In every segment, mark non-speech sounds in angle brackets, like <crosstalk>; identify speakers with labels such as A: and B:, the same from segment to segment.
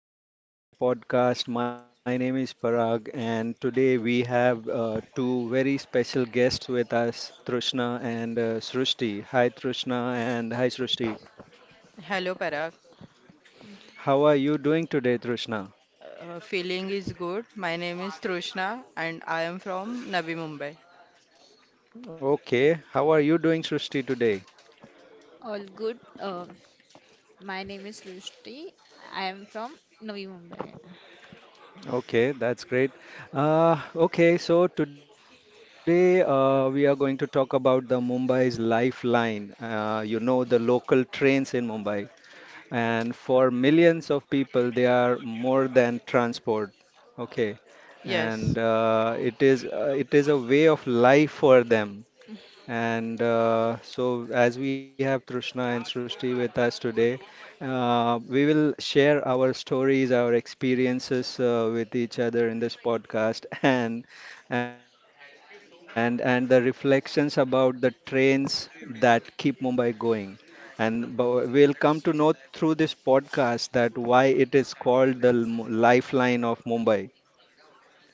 A: and welcome to my podcast. My name is Parag, and today we have two very special guests with us, Trishna and Srushti. Hi, Trishna, and hi, Srushti.
B: Hello, Parag.
A: How are you doing today, Trishna?
B: Feeling is good. My name is Trishna and I am from Navi Mumbai.
A: Okay, how are you doing, Srushti, today?
C: All good. My name is Rushti. I am from Navi Mumbai.
A: Okay, that's great. Okay, so today we are going to talk about the Mumbai's lifeline. The local trains in Mumbai. And for millions of people they are more than transport. Okay.
B: Yes,
A: And it is a way of life for them. And as we have Trishna and Srishti with us today, we will share our stories, our experiences with each other in this podcast, <laughs> and and the reflections about the trains that keep Mumbai going. And we'll come to know through this podcast that why it is called the lifeline of Mumbai.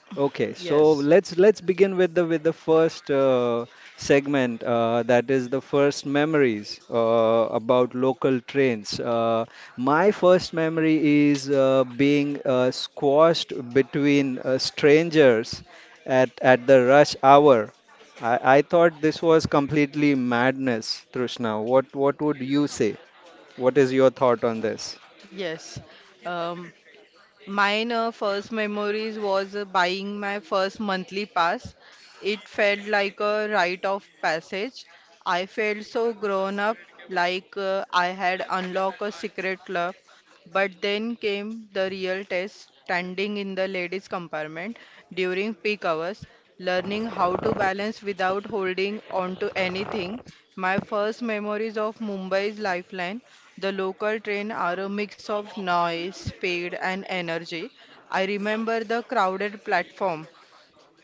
A: Okay, so
B: yes,
A: let's begin with the first segment that is the first memories about local trains. My first memory is being squashed between strangers at the rush hour. I thought this was completely madness, Trishna. What would you say? What is your thought on this?
B: yes. Um, Mine first memories was buying my first monthly pass. It felt like a rite of passage. I felt so grown up, like I had unlocked a secret club. But then came the real test, standing in the ladies' compartment during peak hours, learning how to balance without holding on to anything. My first memories of Mumbai's lifeline, the local train, are a mix of noise, speed, and energy. I remember the crowded platform,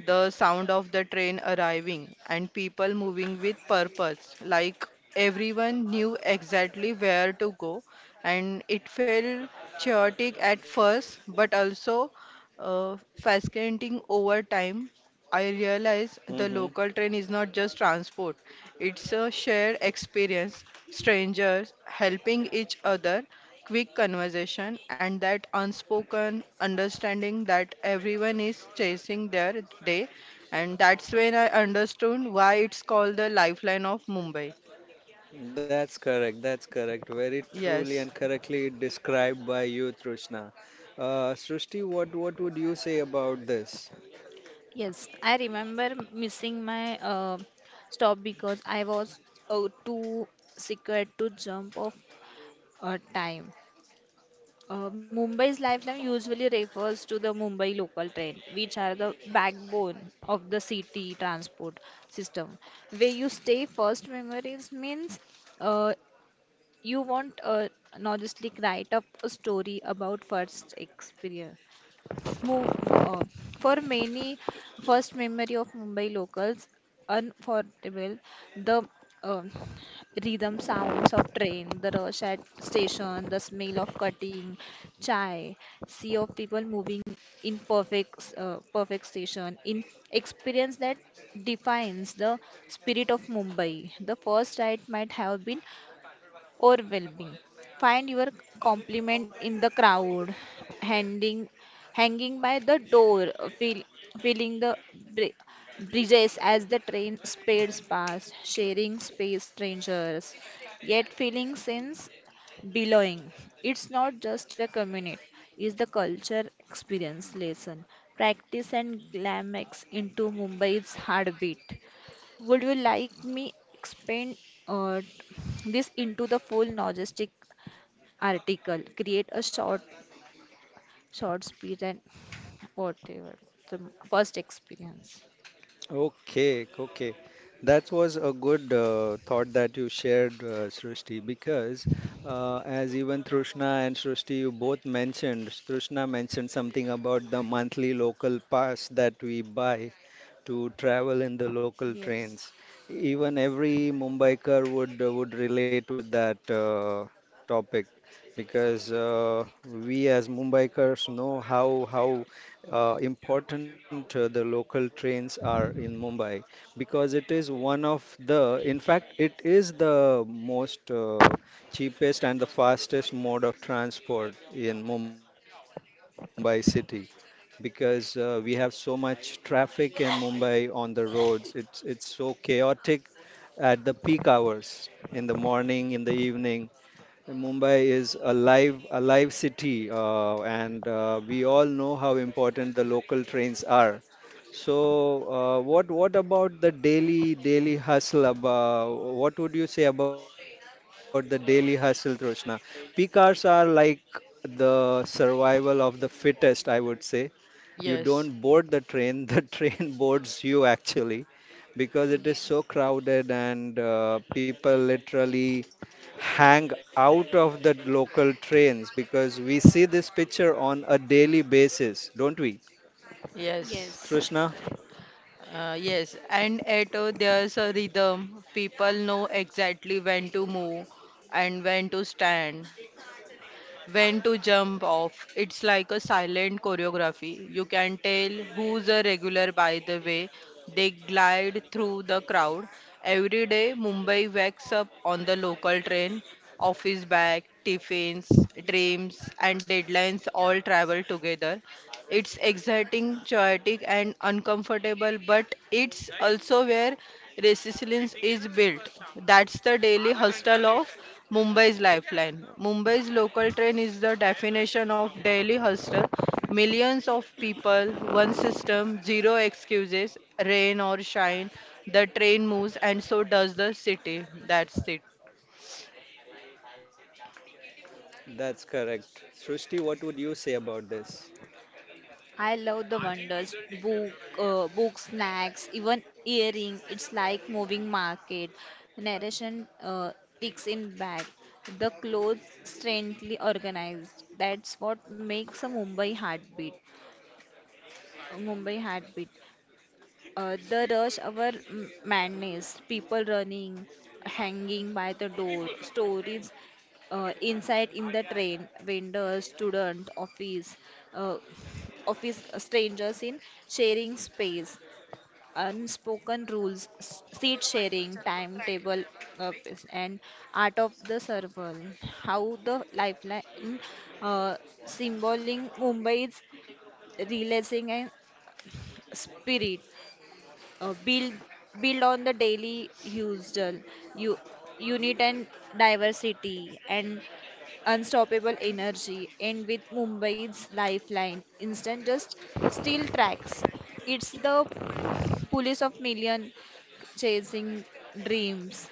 B: the sound of the train arriving, and people moving with purpose, like everyone knew exactly where to go, and it felt chaotic at first, but also fascinating. Over time, I realized the
A: Hmm.
B: local train is not just transport, it's a shared experience. Strangers helping each other, quick conversation, and that unspoken understanding that everyone is chasing their day. And that's when I understood why it's called the lifeline of Mumbai.
A: That's correct. That's correct. Very truly and
B: Yes,
A: correctly described by you, Trishna. Srishti, what would you say about this?
C: Yes, I remember missing my stop because I was too scared to jump off time. Mumbai's lifeline usually refers to the Mumbai local train, which are the backbone of the city transport system. Where you stay first memories means uh, you want a novelistic write up a story about first experience. Mo- For, uh, for many, first memory of Mumbai locals unforgettable. The uh, Rhythm sounds of train, the rush at station, the smell of cutting chai, sea of people moving in perfect station, in experience that defines the spirit of Mumbai. The first ride might have been or well-being. Find your compliment in the crowd, handing, hanging by the door, feel, feeling the bridges as the train speeds past, sharing space strangers, yet feeling sense belonging. It's not just a community, it's the culture experience lesson. Practice and glamex into Mumbai's heartbeat. Would you like me expand uh, this into the full logistic article? Create a short speech and whatever the first experience.
A: Okay, okay. That was a good thought that you shared, Srishti, because as even Trishna and Srishti, you both mentioned, Trishna mentioned something about the monthly local pass that we buy to travel in the local
C: Yes,
A: trains. Even every Mumbaiker would relate with that topic, because we as Mumbaikers know how important the local trains are in Mumbai, because it is one of the, in fact it is the most cheapest and the fastest mode of transport in Mumbai city, because we have so much traffic in Mumbai on the roads. It's so chaotic at the peak hours in the morning, in the evening. Mumbai is a live city, and we all know how important the local trains are. So what about the daily hustle? About, what would you say about the daily hustle, Troshna? Peak hours are like the survival of the fittest, I would say. You don't
B: yes,
A: board the train, the <laughs> train boards you actually, because it is
C: yes,
A: so crowded and people literally hang out of the local trains, because we see this picture on a daily basis, don't we?
B: yes.
C: yes.
A: Trishna?
B: Yes, and at There's a rhythm. People know exactly when to move and when to stand, when to jump off. It's like a silent choreography. You can tell who's a regular by the way they glide through the crowd. Every day, Mumbai wakes up on the local train. Office bag, tiffins, dreams, and deadlines all travel together. It's exciting, chaotic, and uncomfortable, but it's also where resilience is built. That's the daily hustle of Mumbai's lifeline. Mumbai's local train is the definition of daily hustle. Millions of people, one system, zero excuses, rain or shine. The train moves, and so does the city. That's it.
A: That's correct. Srushti, what would you say about this?
C: I love the wonders book, book snacks, even earring. It's like moving market. Narration ticks in back. The clothes strangely organized. That's what makes a Mumbai heartbeat. Mumbai heartbeat. The rush hour madness, people running, hanging by the door, stories inside in the train, vendors, student, uh, office strangers in sharing space, unspoken rules, seat sharing, timetable, uh, and art of the survival. How the lifeline uh, symboling Mumbai's realizing and spirit uh, build build on the daily used u- unit and diversity and unstoppable energy and with Mumbai's lifeline instant just steel tracks, it's the police of million chasing dreams.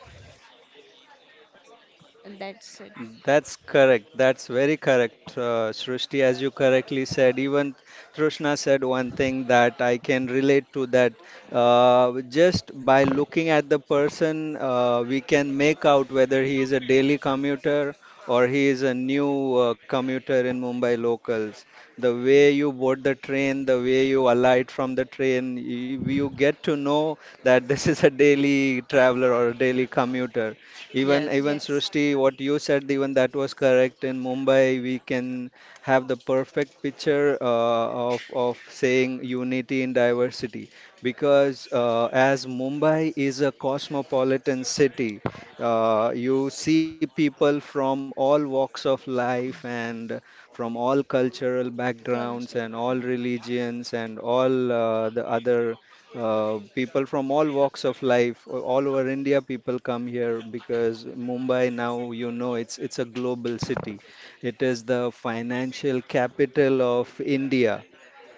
C: That's it.
A: That's correct. That's very correct, Srishti. As you correctly said, even Trishna said one thing that I can relate to that. Just by looking at the person, we can make out whether he is a daily commuter or he is a new commuter in Mumbai locals. The way you board the train, the way you alight from the train, you get to know that <laughs> this is a daily traveler or a daily commuter. Even
B: Yes,
A: even
C: Yes,
A: Srishti, what you said, even that was correct. In Mumbai, we can have the perfect picture of saying unity in diversity, because as Mumbai is a cosmopolitan city, you see people from all walks of life and from all cultural backgrounds
C: culture,
A: and
C: you
A: all
C: know.
A: religions and all the other people from all walks of life, all over India, people come here because Mumbai now, you know, it's a global city. It is the financial capital of India,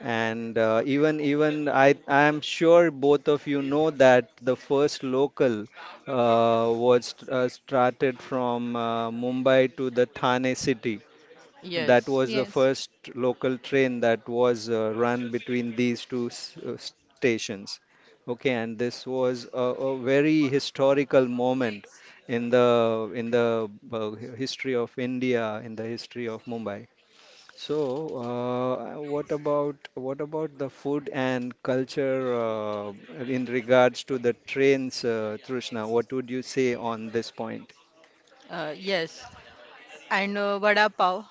A: and even I I'm sure both of you know that the first local was started from Mumbai to the Thane city, that
B: yes,
A: was the
C: Yes.
A: first local train that was run between these two stations. Okay, and this was a very historical moment in the history of India, in the history of Mumbai. So what about the food and culture in regards to the trains, Trishna? What would you say on this point?
B: yes. And Vada pav,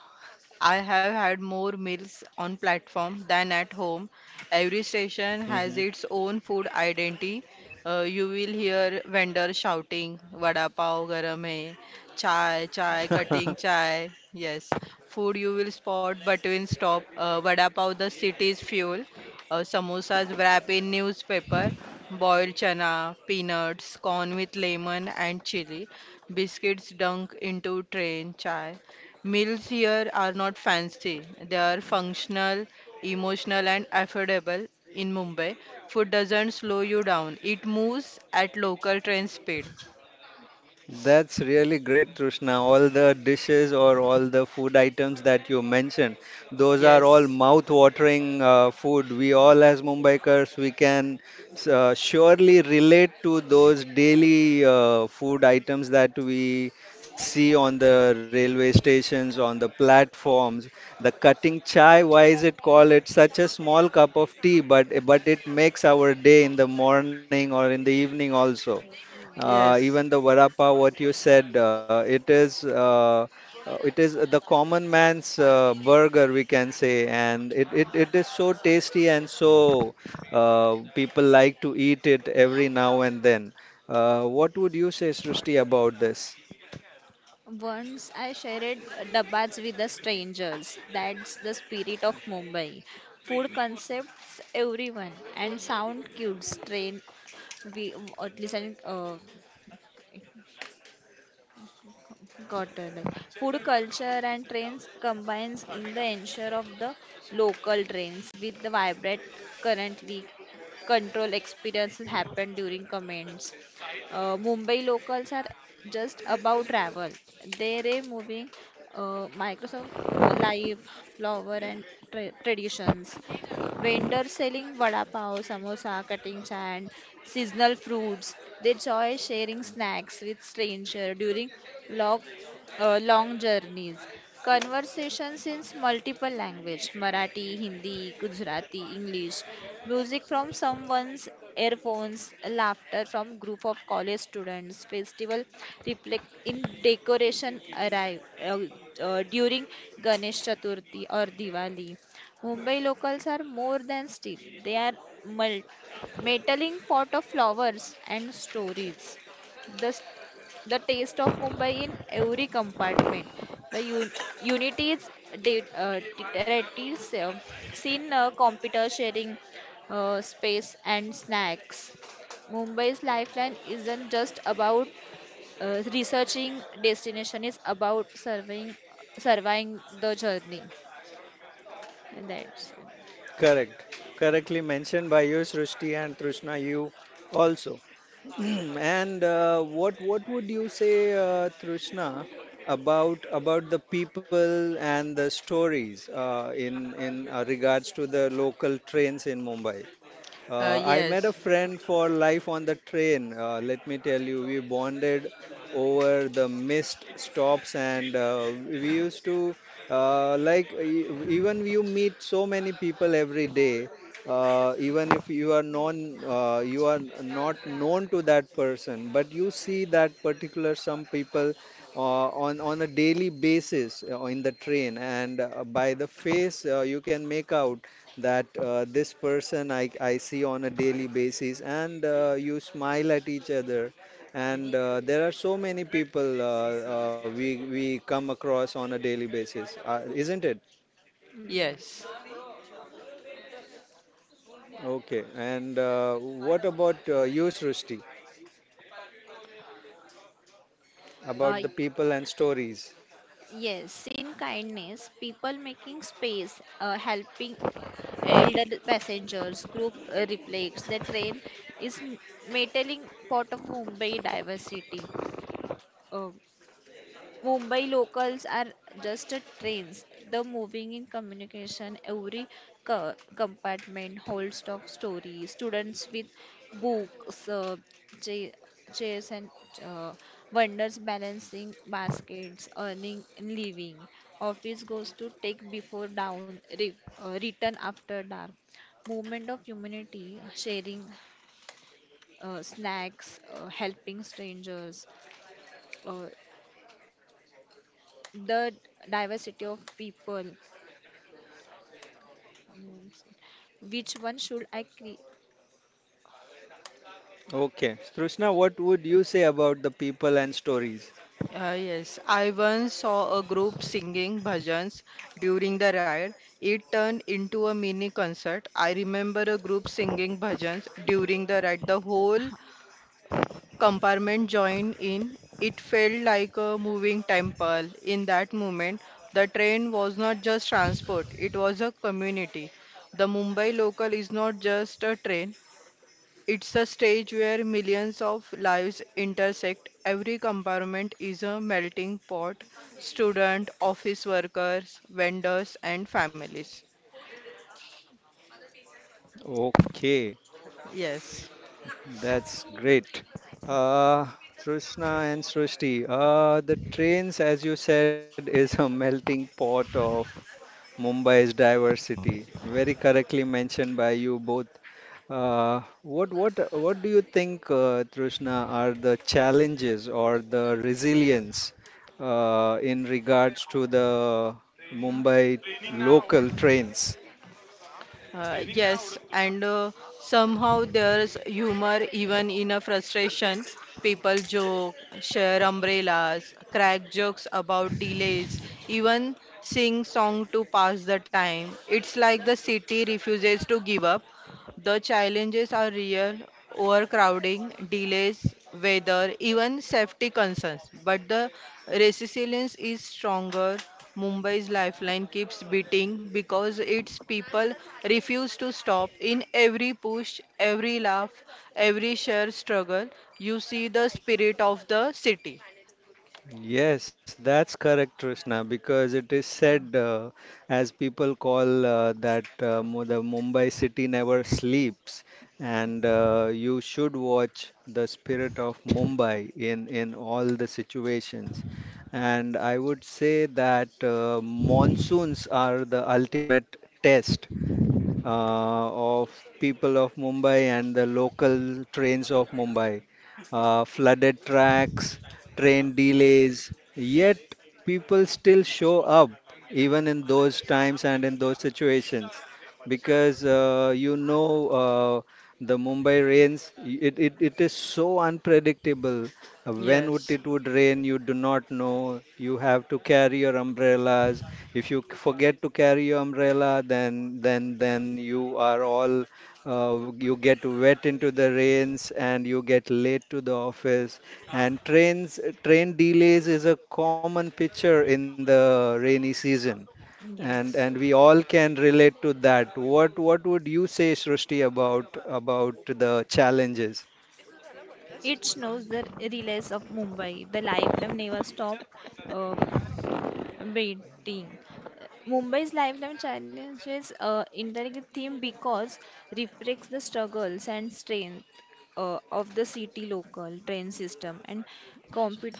B: I have had more meals on platform than at home. Every station
A: Hmm.
B: has its own food identity. You will hear vendors shouting, "Vada pav garam hai," "Chai, chai, cutting
A: <laughs>
B: chai." Yes, food you will spot between stop. Vada pav, the city's fuel. Samosas wrap in newspaper. Boiled chana, peanuts, corn with lemon and chili. Biscuits dunk into train chai. Meals here are not fancy. They are functional, emotional, and affordable in Mumbai. Food doesn't slow you down, it moves at local train speed.
A: That's really great, Trishna. All the dishes or all the food items that you mentioned, those are all
B: Yes,
A: mouth-watering food. We all, as Mumbaikars, we can surely relate to those daily food items that we see on the railway stations, on the platforms. The cutting chai, why is it called? It's such a small cup of tea, but it makes our day in the morning or in the evening also.
B: yes,
A: Even the varapa, what you said, it is the common man's burger, we can say, and it is so tasty and so people like to eat it every now and then. What would you say, Srishti, about this?
C: Once I shared dabbas with the strangers. That's the spirit of Mumbai. Food concepts everyone and sound cute train we at least uh, got it. Like, food culture and trends combines in the ensure of the local trends with the vibrant currently control experiences happen during comments. Mumbai locals are just about travel. They're moving Microsoft life, flower and traditions. Vendors selling vada pav, samosa, cutting and seasonal fruits. They enjoy sharing snacks with strangers during long, long journeys. Conversations in multiple language, Marathi, Hindi, Gujarati, English. Music from someone's earphones, laughter from group of college students. Festival reflect in decoration arrive during Ganesh Chaturthi or Diwali. Mumbai locals are more than steel, they are mul- metaling pot of flowers and stories. The, s- the taste of Mumbai in every compartment. The unity is detectives, seen computer sharing space and snacks. Mumbai's lifeline isn't just about researching destination, it's about surveying the journey. And that's it.
A: Correct. Correctly mentioned by you, Srishti, and Trishna, you also. <clears throat> And what would you say, Trishna, about the people and the stories in regards to the local trains in Mumbai?
B: uh,
A: I met a
B: yes,
A: friend for life on the train. Let me tell you, we bonded over the missed stops, and we used to even you meet so many people every day. Even if you are known, you are not known to that person, but you see that particular some people on a daily basis in the train, and by the face you can make out that this person I see on a daily basis, and you smile at each other. And there are so many people we come across on a daily basis, isn't it?
B: yes.
C: Yes.
A: Okay. And what about you, Srushti? About
C: Uh,
A: the people and stories.
C: yes, in kindness, people making space, helping elder passengers, group reflects the train is metalling part of Mumbai diversity. Oh, Mumbai locals are just a trains, the moving in communication. Every compartment holds of stories. Students with books, cha- chairs, and uh, wonders balancing baskets, earning and living. Office goes to take before down, return after dark. Movement of humanity, sharing snacks, helping strangers uh, the diversity of people. Yes. Which one should I create?
A: Okay, Srushna, what would you say about the people and stories?
B: Yes, I once saw a group singing bhajans during the ride. It turned into a mini concert. I remember a group singing bhajans during the ride. The whole compartment joined in. It felt like a moving temple. In that moment, the train was not just transport, it was a community. The Mumbai local is not just a train, it's a stage where millions of lives intersect. Every compartment is a melting pot, student, office workers, vendors, and families.
A: Okay,
B: Yes.
A: that's great. Uh, Trishna and Srishti, the trains, as you said, is a melting pot of Mumbai's diversity. Very correctly mentioned by you both. What do you think, Trishna, are the challenges or the resilience in regards to the Mumbai local trains?
B: Yes, and Somehow there's humor even in a frustration. People joke, share umbrellas, crack jokes about delays, even sing song to pass the time. It's like the city refuses to give up. The challenges are real: overcrowding, delays, weather, even safety concerns. But the resilience is stronger. Mumbai's lifeline keeps beating because its people refuse to stop. In every push, every laugh, every shared struggle, you see the spirit of the city.
A: Yes, that's correct, Trishna, because it is said, as people call that the Mumbai city never sleeps, and you should watch the spirit of Mumbai in all the situations. And I would say that monsoons are the ultimate test of people of Mumbai and the local trains of Mumbai, flooded tracks, train delays. Yet people still show up even in those times and in those situations, because you know the Mumbai rains, it is so unpredictable. When would
B: Yes.
A: it would rain, you do not know. You have to carry your umbrellas. If you forget to carry your umbrella, then you are all you get wet into the rains and you get late to the office. And train delays is a common picture in the rainy season.
C: Yes.
A: And we all can relate to that. What would you say, Srishti, about the challenges?
C: It snows the relays of Mumbai. The lifeline never stop um waiting. Mumbai's lifeline challenges intricate theme because reflects the struggles and strength of the city local train system and compute,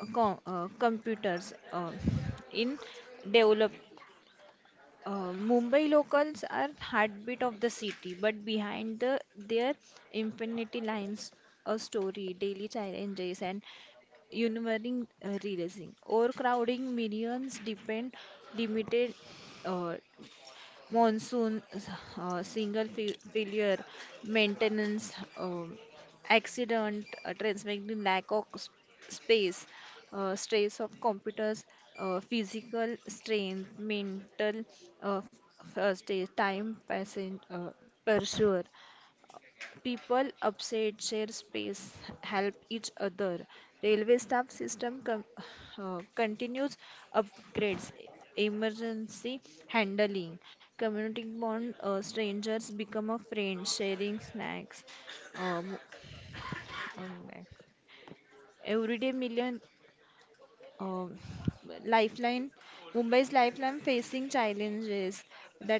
C: computers in develop. Mumbai locals are heartbeat of the city, but behind the their infinity lines, a story, daily challenges, and unwavering realism. Overcrowding, millions depend limited. Uh, Monsoon, single failure, maintenance, accident, transmitting lack of space, stress of computers, physical strain, mental uh, stress, time passing, pressure, people upset, share space, help each other. Railway staff system continues upgrades, emergency handling, community bond, strangers become a friend, sharing snacks. Uh, mo- One minute. Everyday million uh, lifeline. Mumbai's lifeline facing challenges. That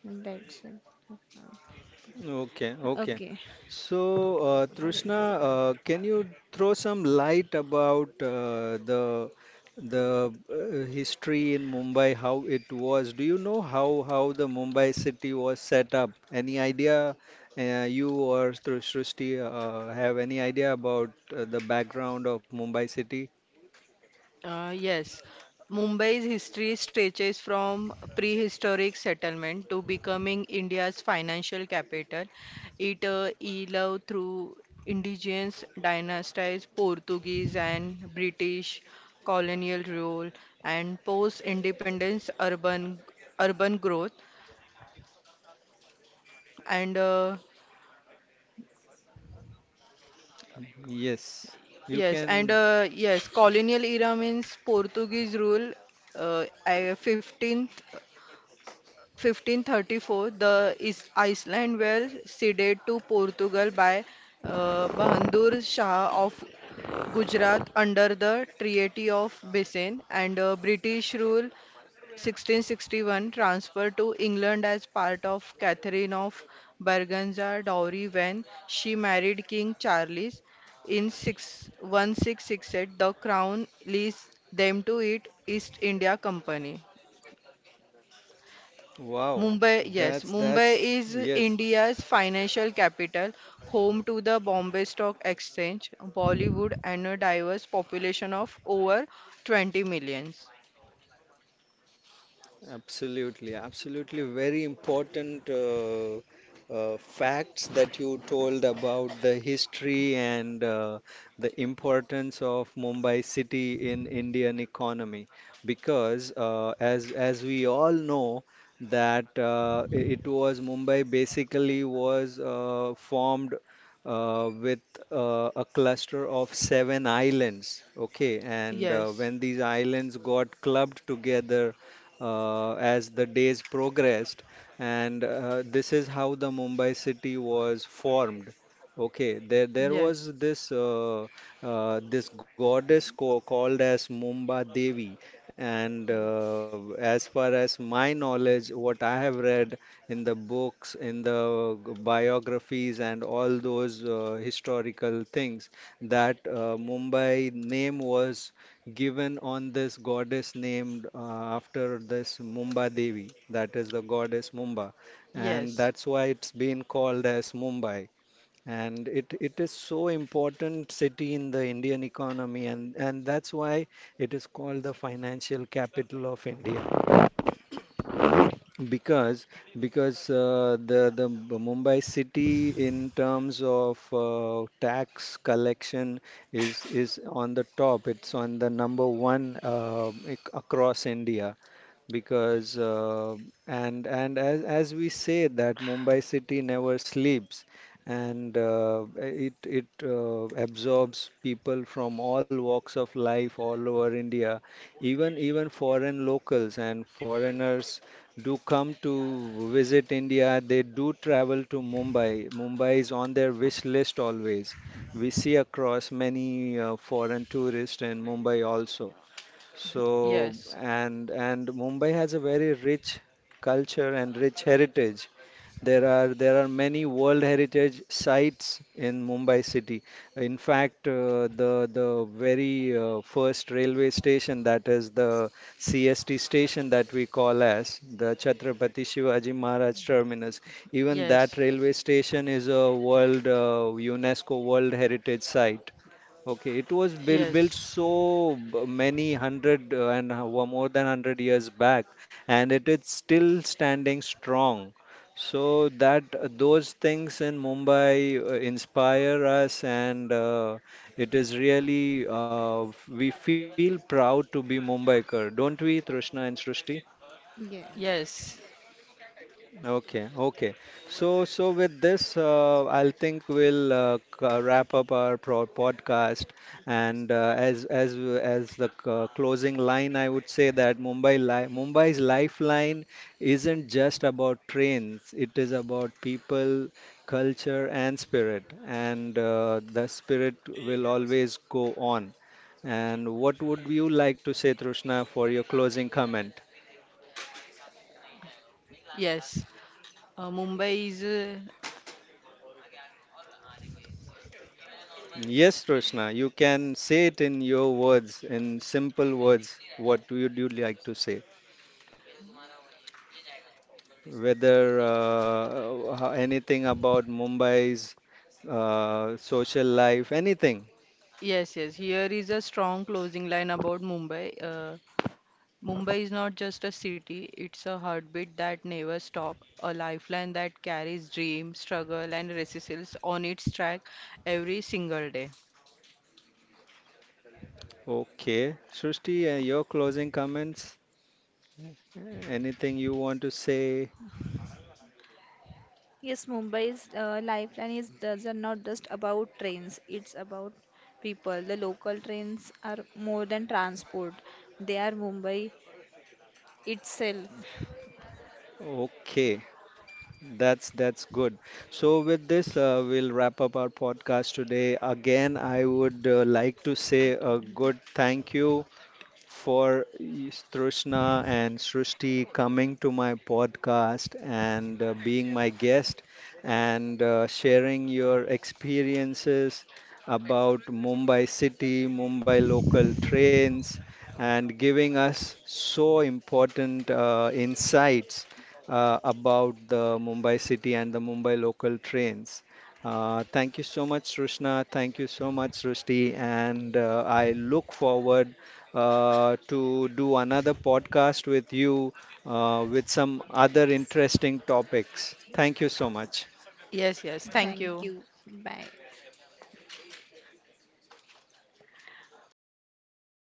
C: That's it.
A: Okay, okay.
C: Okay.
A: So Trishna,
C: Wait, sorry.
A: can you throw some light about the history in Mumbai, how it was? Do you know how the Mumbai city was set up? Any idea you or Srishti have any idea about the background of Mumbai city?
B: Uh, yes, Mumbai's history stretches from prehistoric settlement to becoming India's financial capital. It evolved through indigenous dynasties, Portuguese and British colonial rule, and post-independence urban growth. And
A: Yes, you
B: yes, and
A: can.
B: Yes, colonial era means Portuguese rule, I- 15th 1534, the Is Iceland were ceded to Portugal by Bahadur Shah of Gujarat under the Treaty of Basin. And British rule, 1661, transferred to England as part of Catherine of Braganza dowry when she married King Charles. In 6, 1668, the crown leased them to it East India Company.
A: Wow,
B: Mumbai, yes, Mumbai
A: that's
B: is
A: yes.
B: India's financial capital, home to the Bombay Stock Exchange, Bollywood, and a diverse population of over 20 millions.
A: Absolutely, absolutely. Very important facts that you told about the history and the importance of Mumbai city in Indian economy. Because as we all know that it was Mumbai basically was formed with a cluster of seven islands. Okay, and
B: Yes,
A: when these islands got clubbed together as the days progressed, and this is how the Mumbai city was formed. Okay, there was
B: yes,
A: this this goddess co called as Mumba Devi, and
C: Yeah.
A: as far as my knowledge, what I have read in the books, in the biographies, and all those historical things, that Mumbai name was given on this goddess named after this Mumba Devi, that is the goddess Mumba, and
B: yes,
A: that's why it's been called as Mumbai, and it is so important city in the Indian economy, and that's why it is called the financial capital of India, because because the Mumbai city in terms of tax collection is on the top, it's on the number one across India, because and as we say that Mumbai city never sleeps, and it it absorbs people from all walks of life all over India, even even foreign locals and foreigners do come to visit India, they do travel to Mumbai. Mumbai is on their wish list always. We see across many foreign tourists in Mumbai also. So,
B: yes,
A: and Mumbai has a very rich culture and rich heritage. There are many World Heritage sites in Mumbai city. In fact, the very first railway station, that is the CST station that we call as the Chhatrapati Shivaji Maharaj Terminus. Even
B: yes,
A: that railway station is a world UNESCO World Heritage site. Okay, it was built built
B: yes,
A: so many hundred and more than hundred years back, and it is still standing strong. So that those things in Mumbai inspire us, and it is really we feel proud to be Mumbaikar, don't we, Trishna and Srishti?
C: Yeah.
B: yes,
A: Okay, okay. So, so with this, I'll think we'll wrap up our pro podcast. And as the closing line, I would say that Mumbai's lifeline isn't just about trains. It is about people, culture, and spirit. And the spirit will always go on. And what would you like to say, Trishna, for your closing comment?
B: yes. Uh, Mumbai is, uh,
A: Yes, Roshna, you can say it in your words, in simple words. What would you like to say? Whether anything about Mumbai's social life, anything.
B: yes. Here is a strong closing line about Mumbai. Mumbai is not just a city, it's a heartbeat that never stops, a lifeline that carries dream, struggle, and resistance on its track every single day.
A: Okay. Srushti, your closing comments? Anything you want to say?
C: Yes, Mumbai's lifeline is does are not just about trains, it's about people. The local trains are more than transport, they are Mumbai itself.
A: Okay. That's good. So with this, we'll wrap up our podcast today. Again, I would like to say a good thank you for Trishna and Srishti coming to my podcast and being my guest and sharing your experiences about Mumbai city, Mumbai local trains, and giving us so important insights about the Mumbai city and the Mumbai local trains. Thank you so much, Srushna. Thank you so much, Srishti. And I look forward to do another podcast with you with some other interesting topics. Thank you so much.
B: Yes, yes, thank you.
C: Thank you. Bye.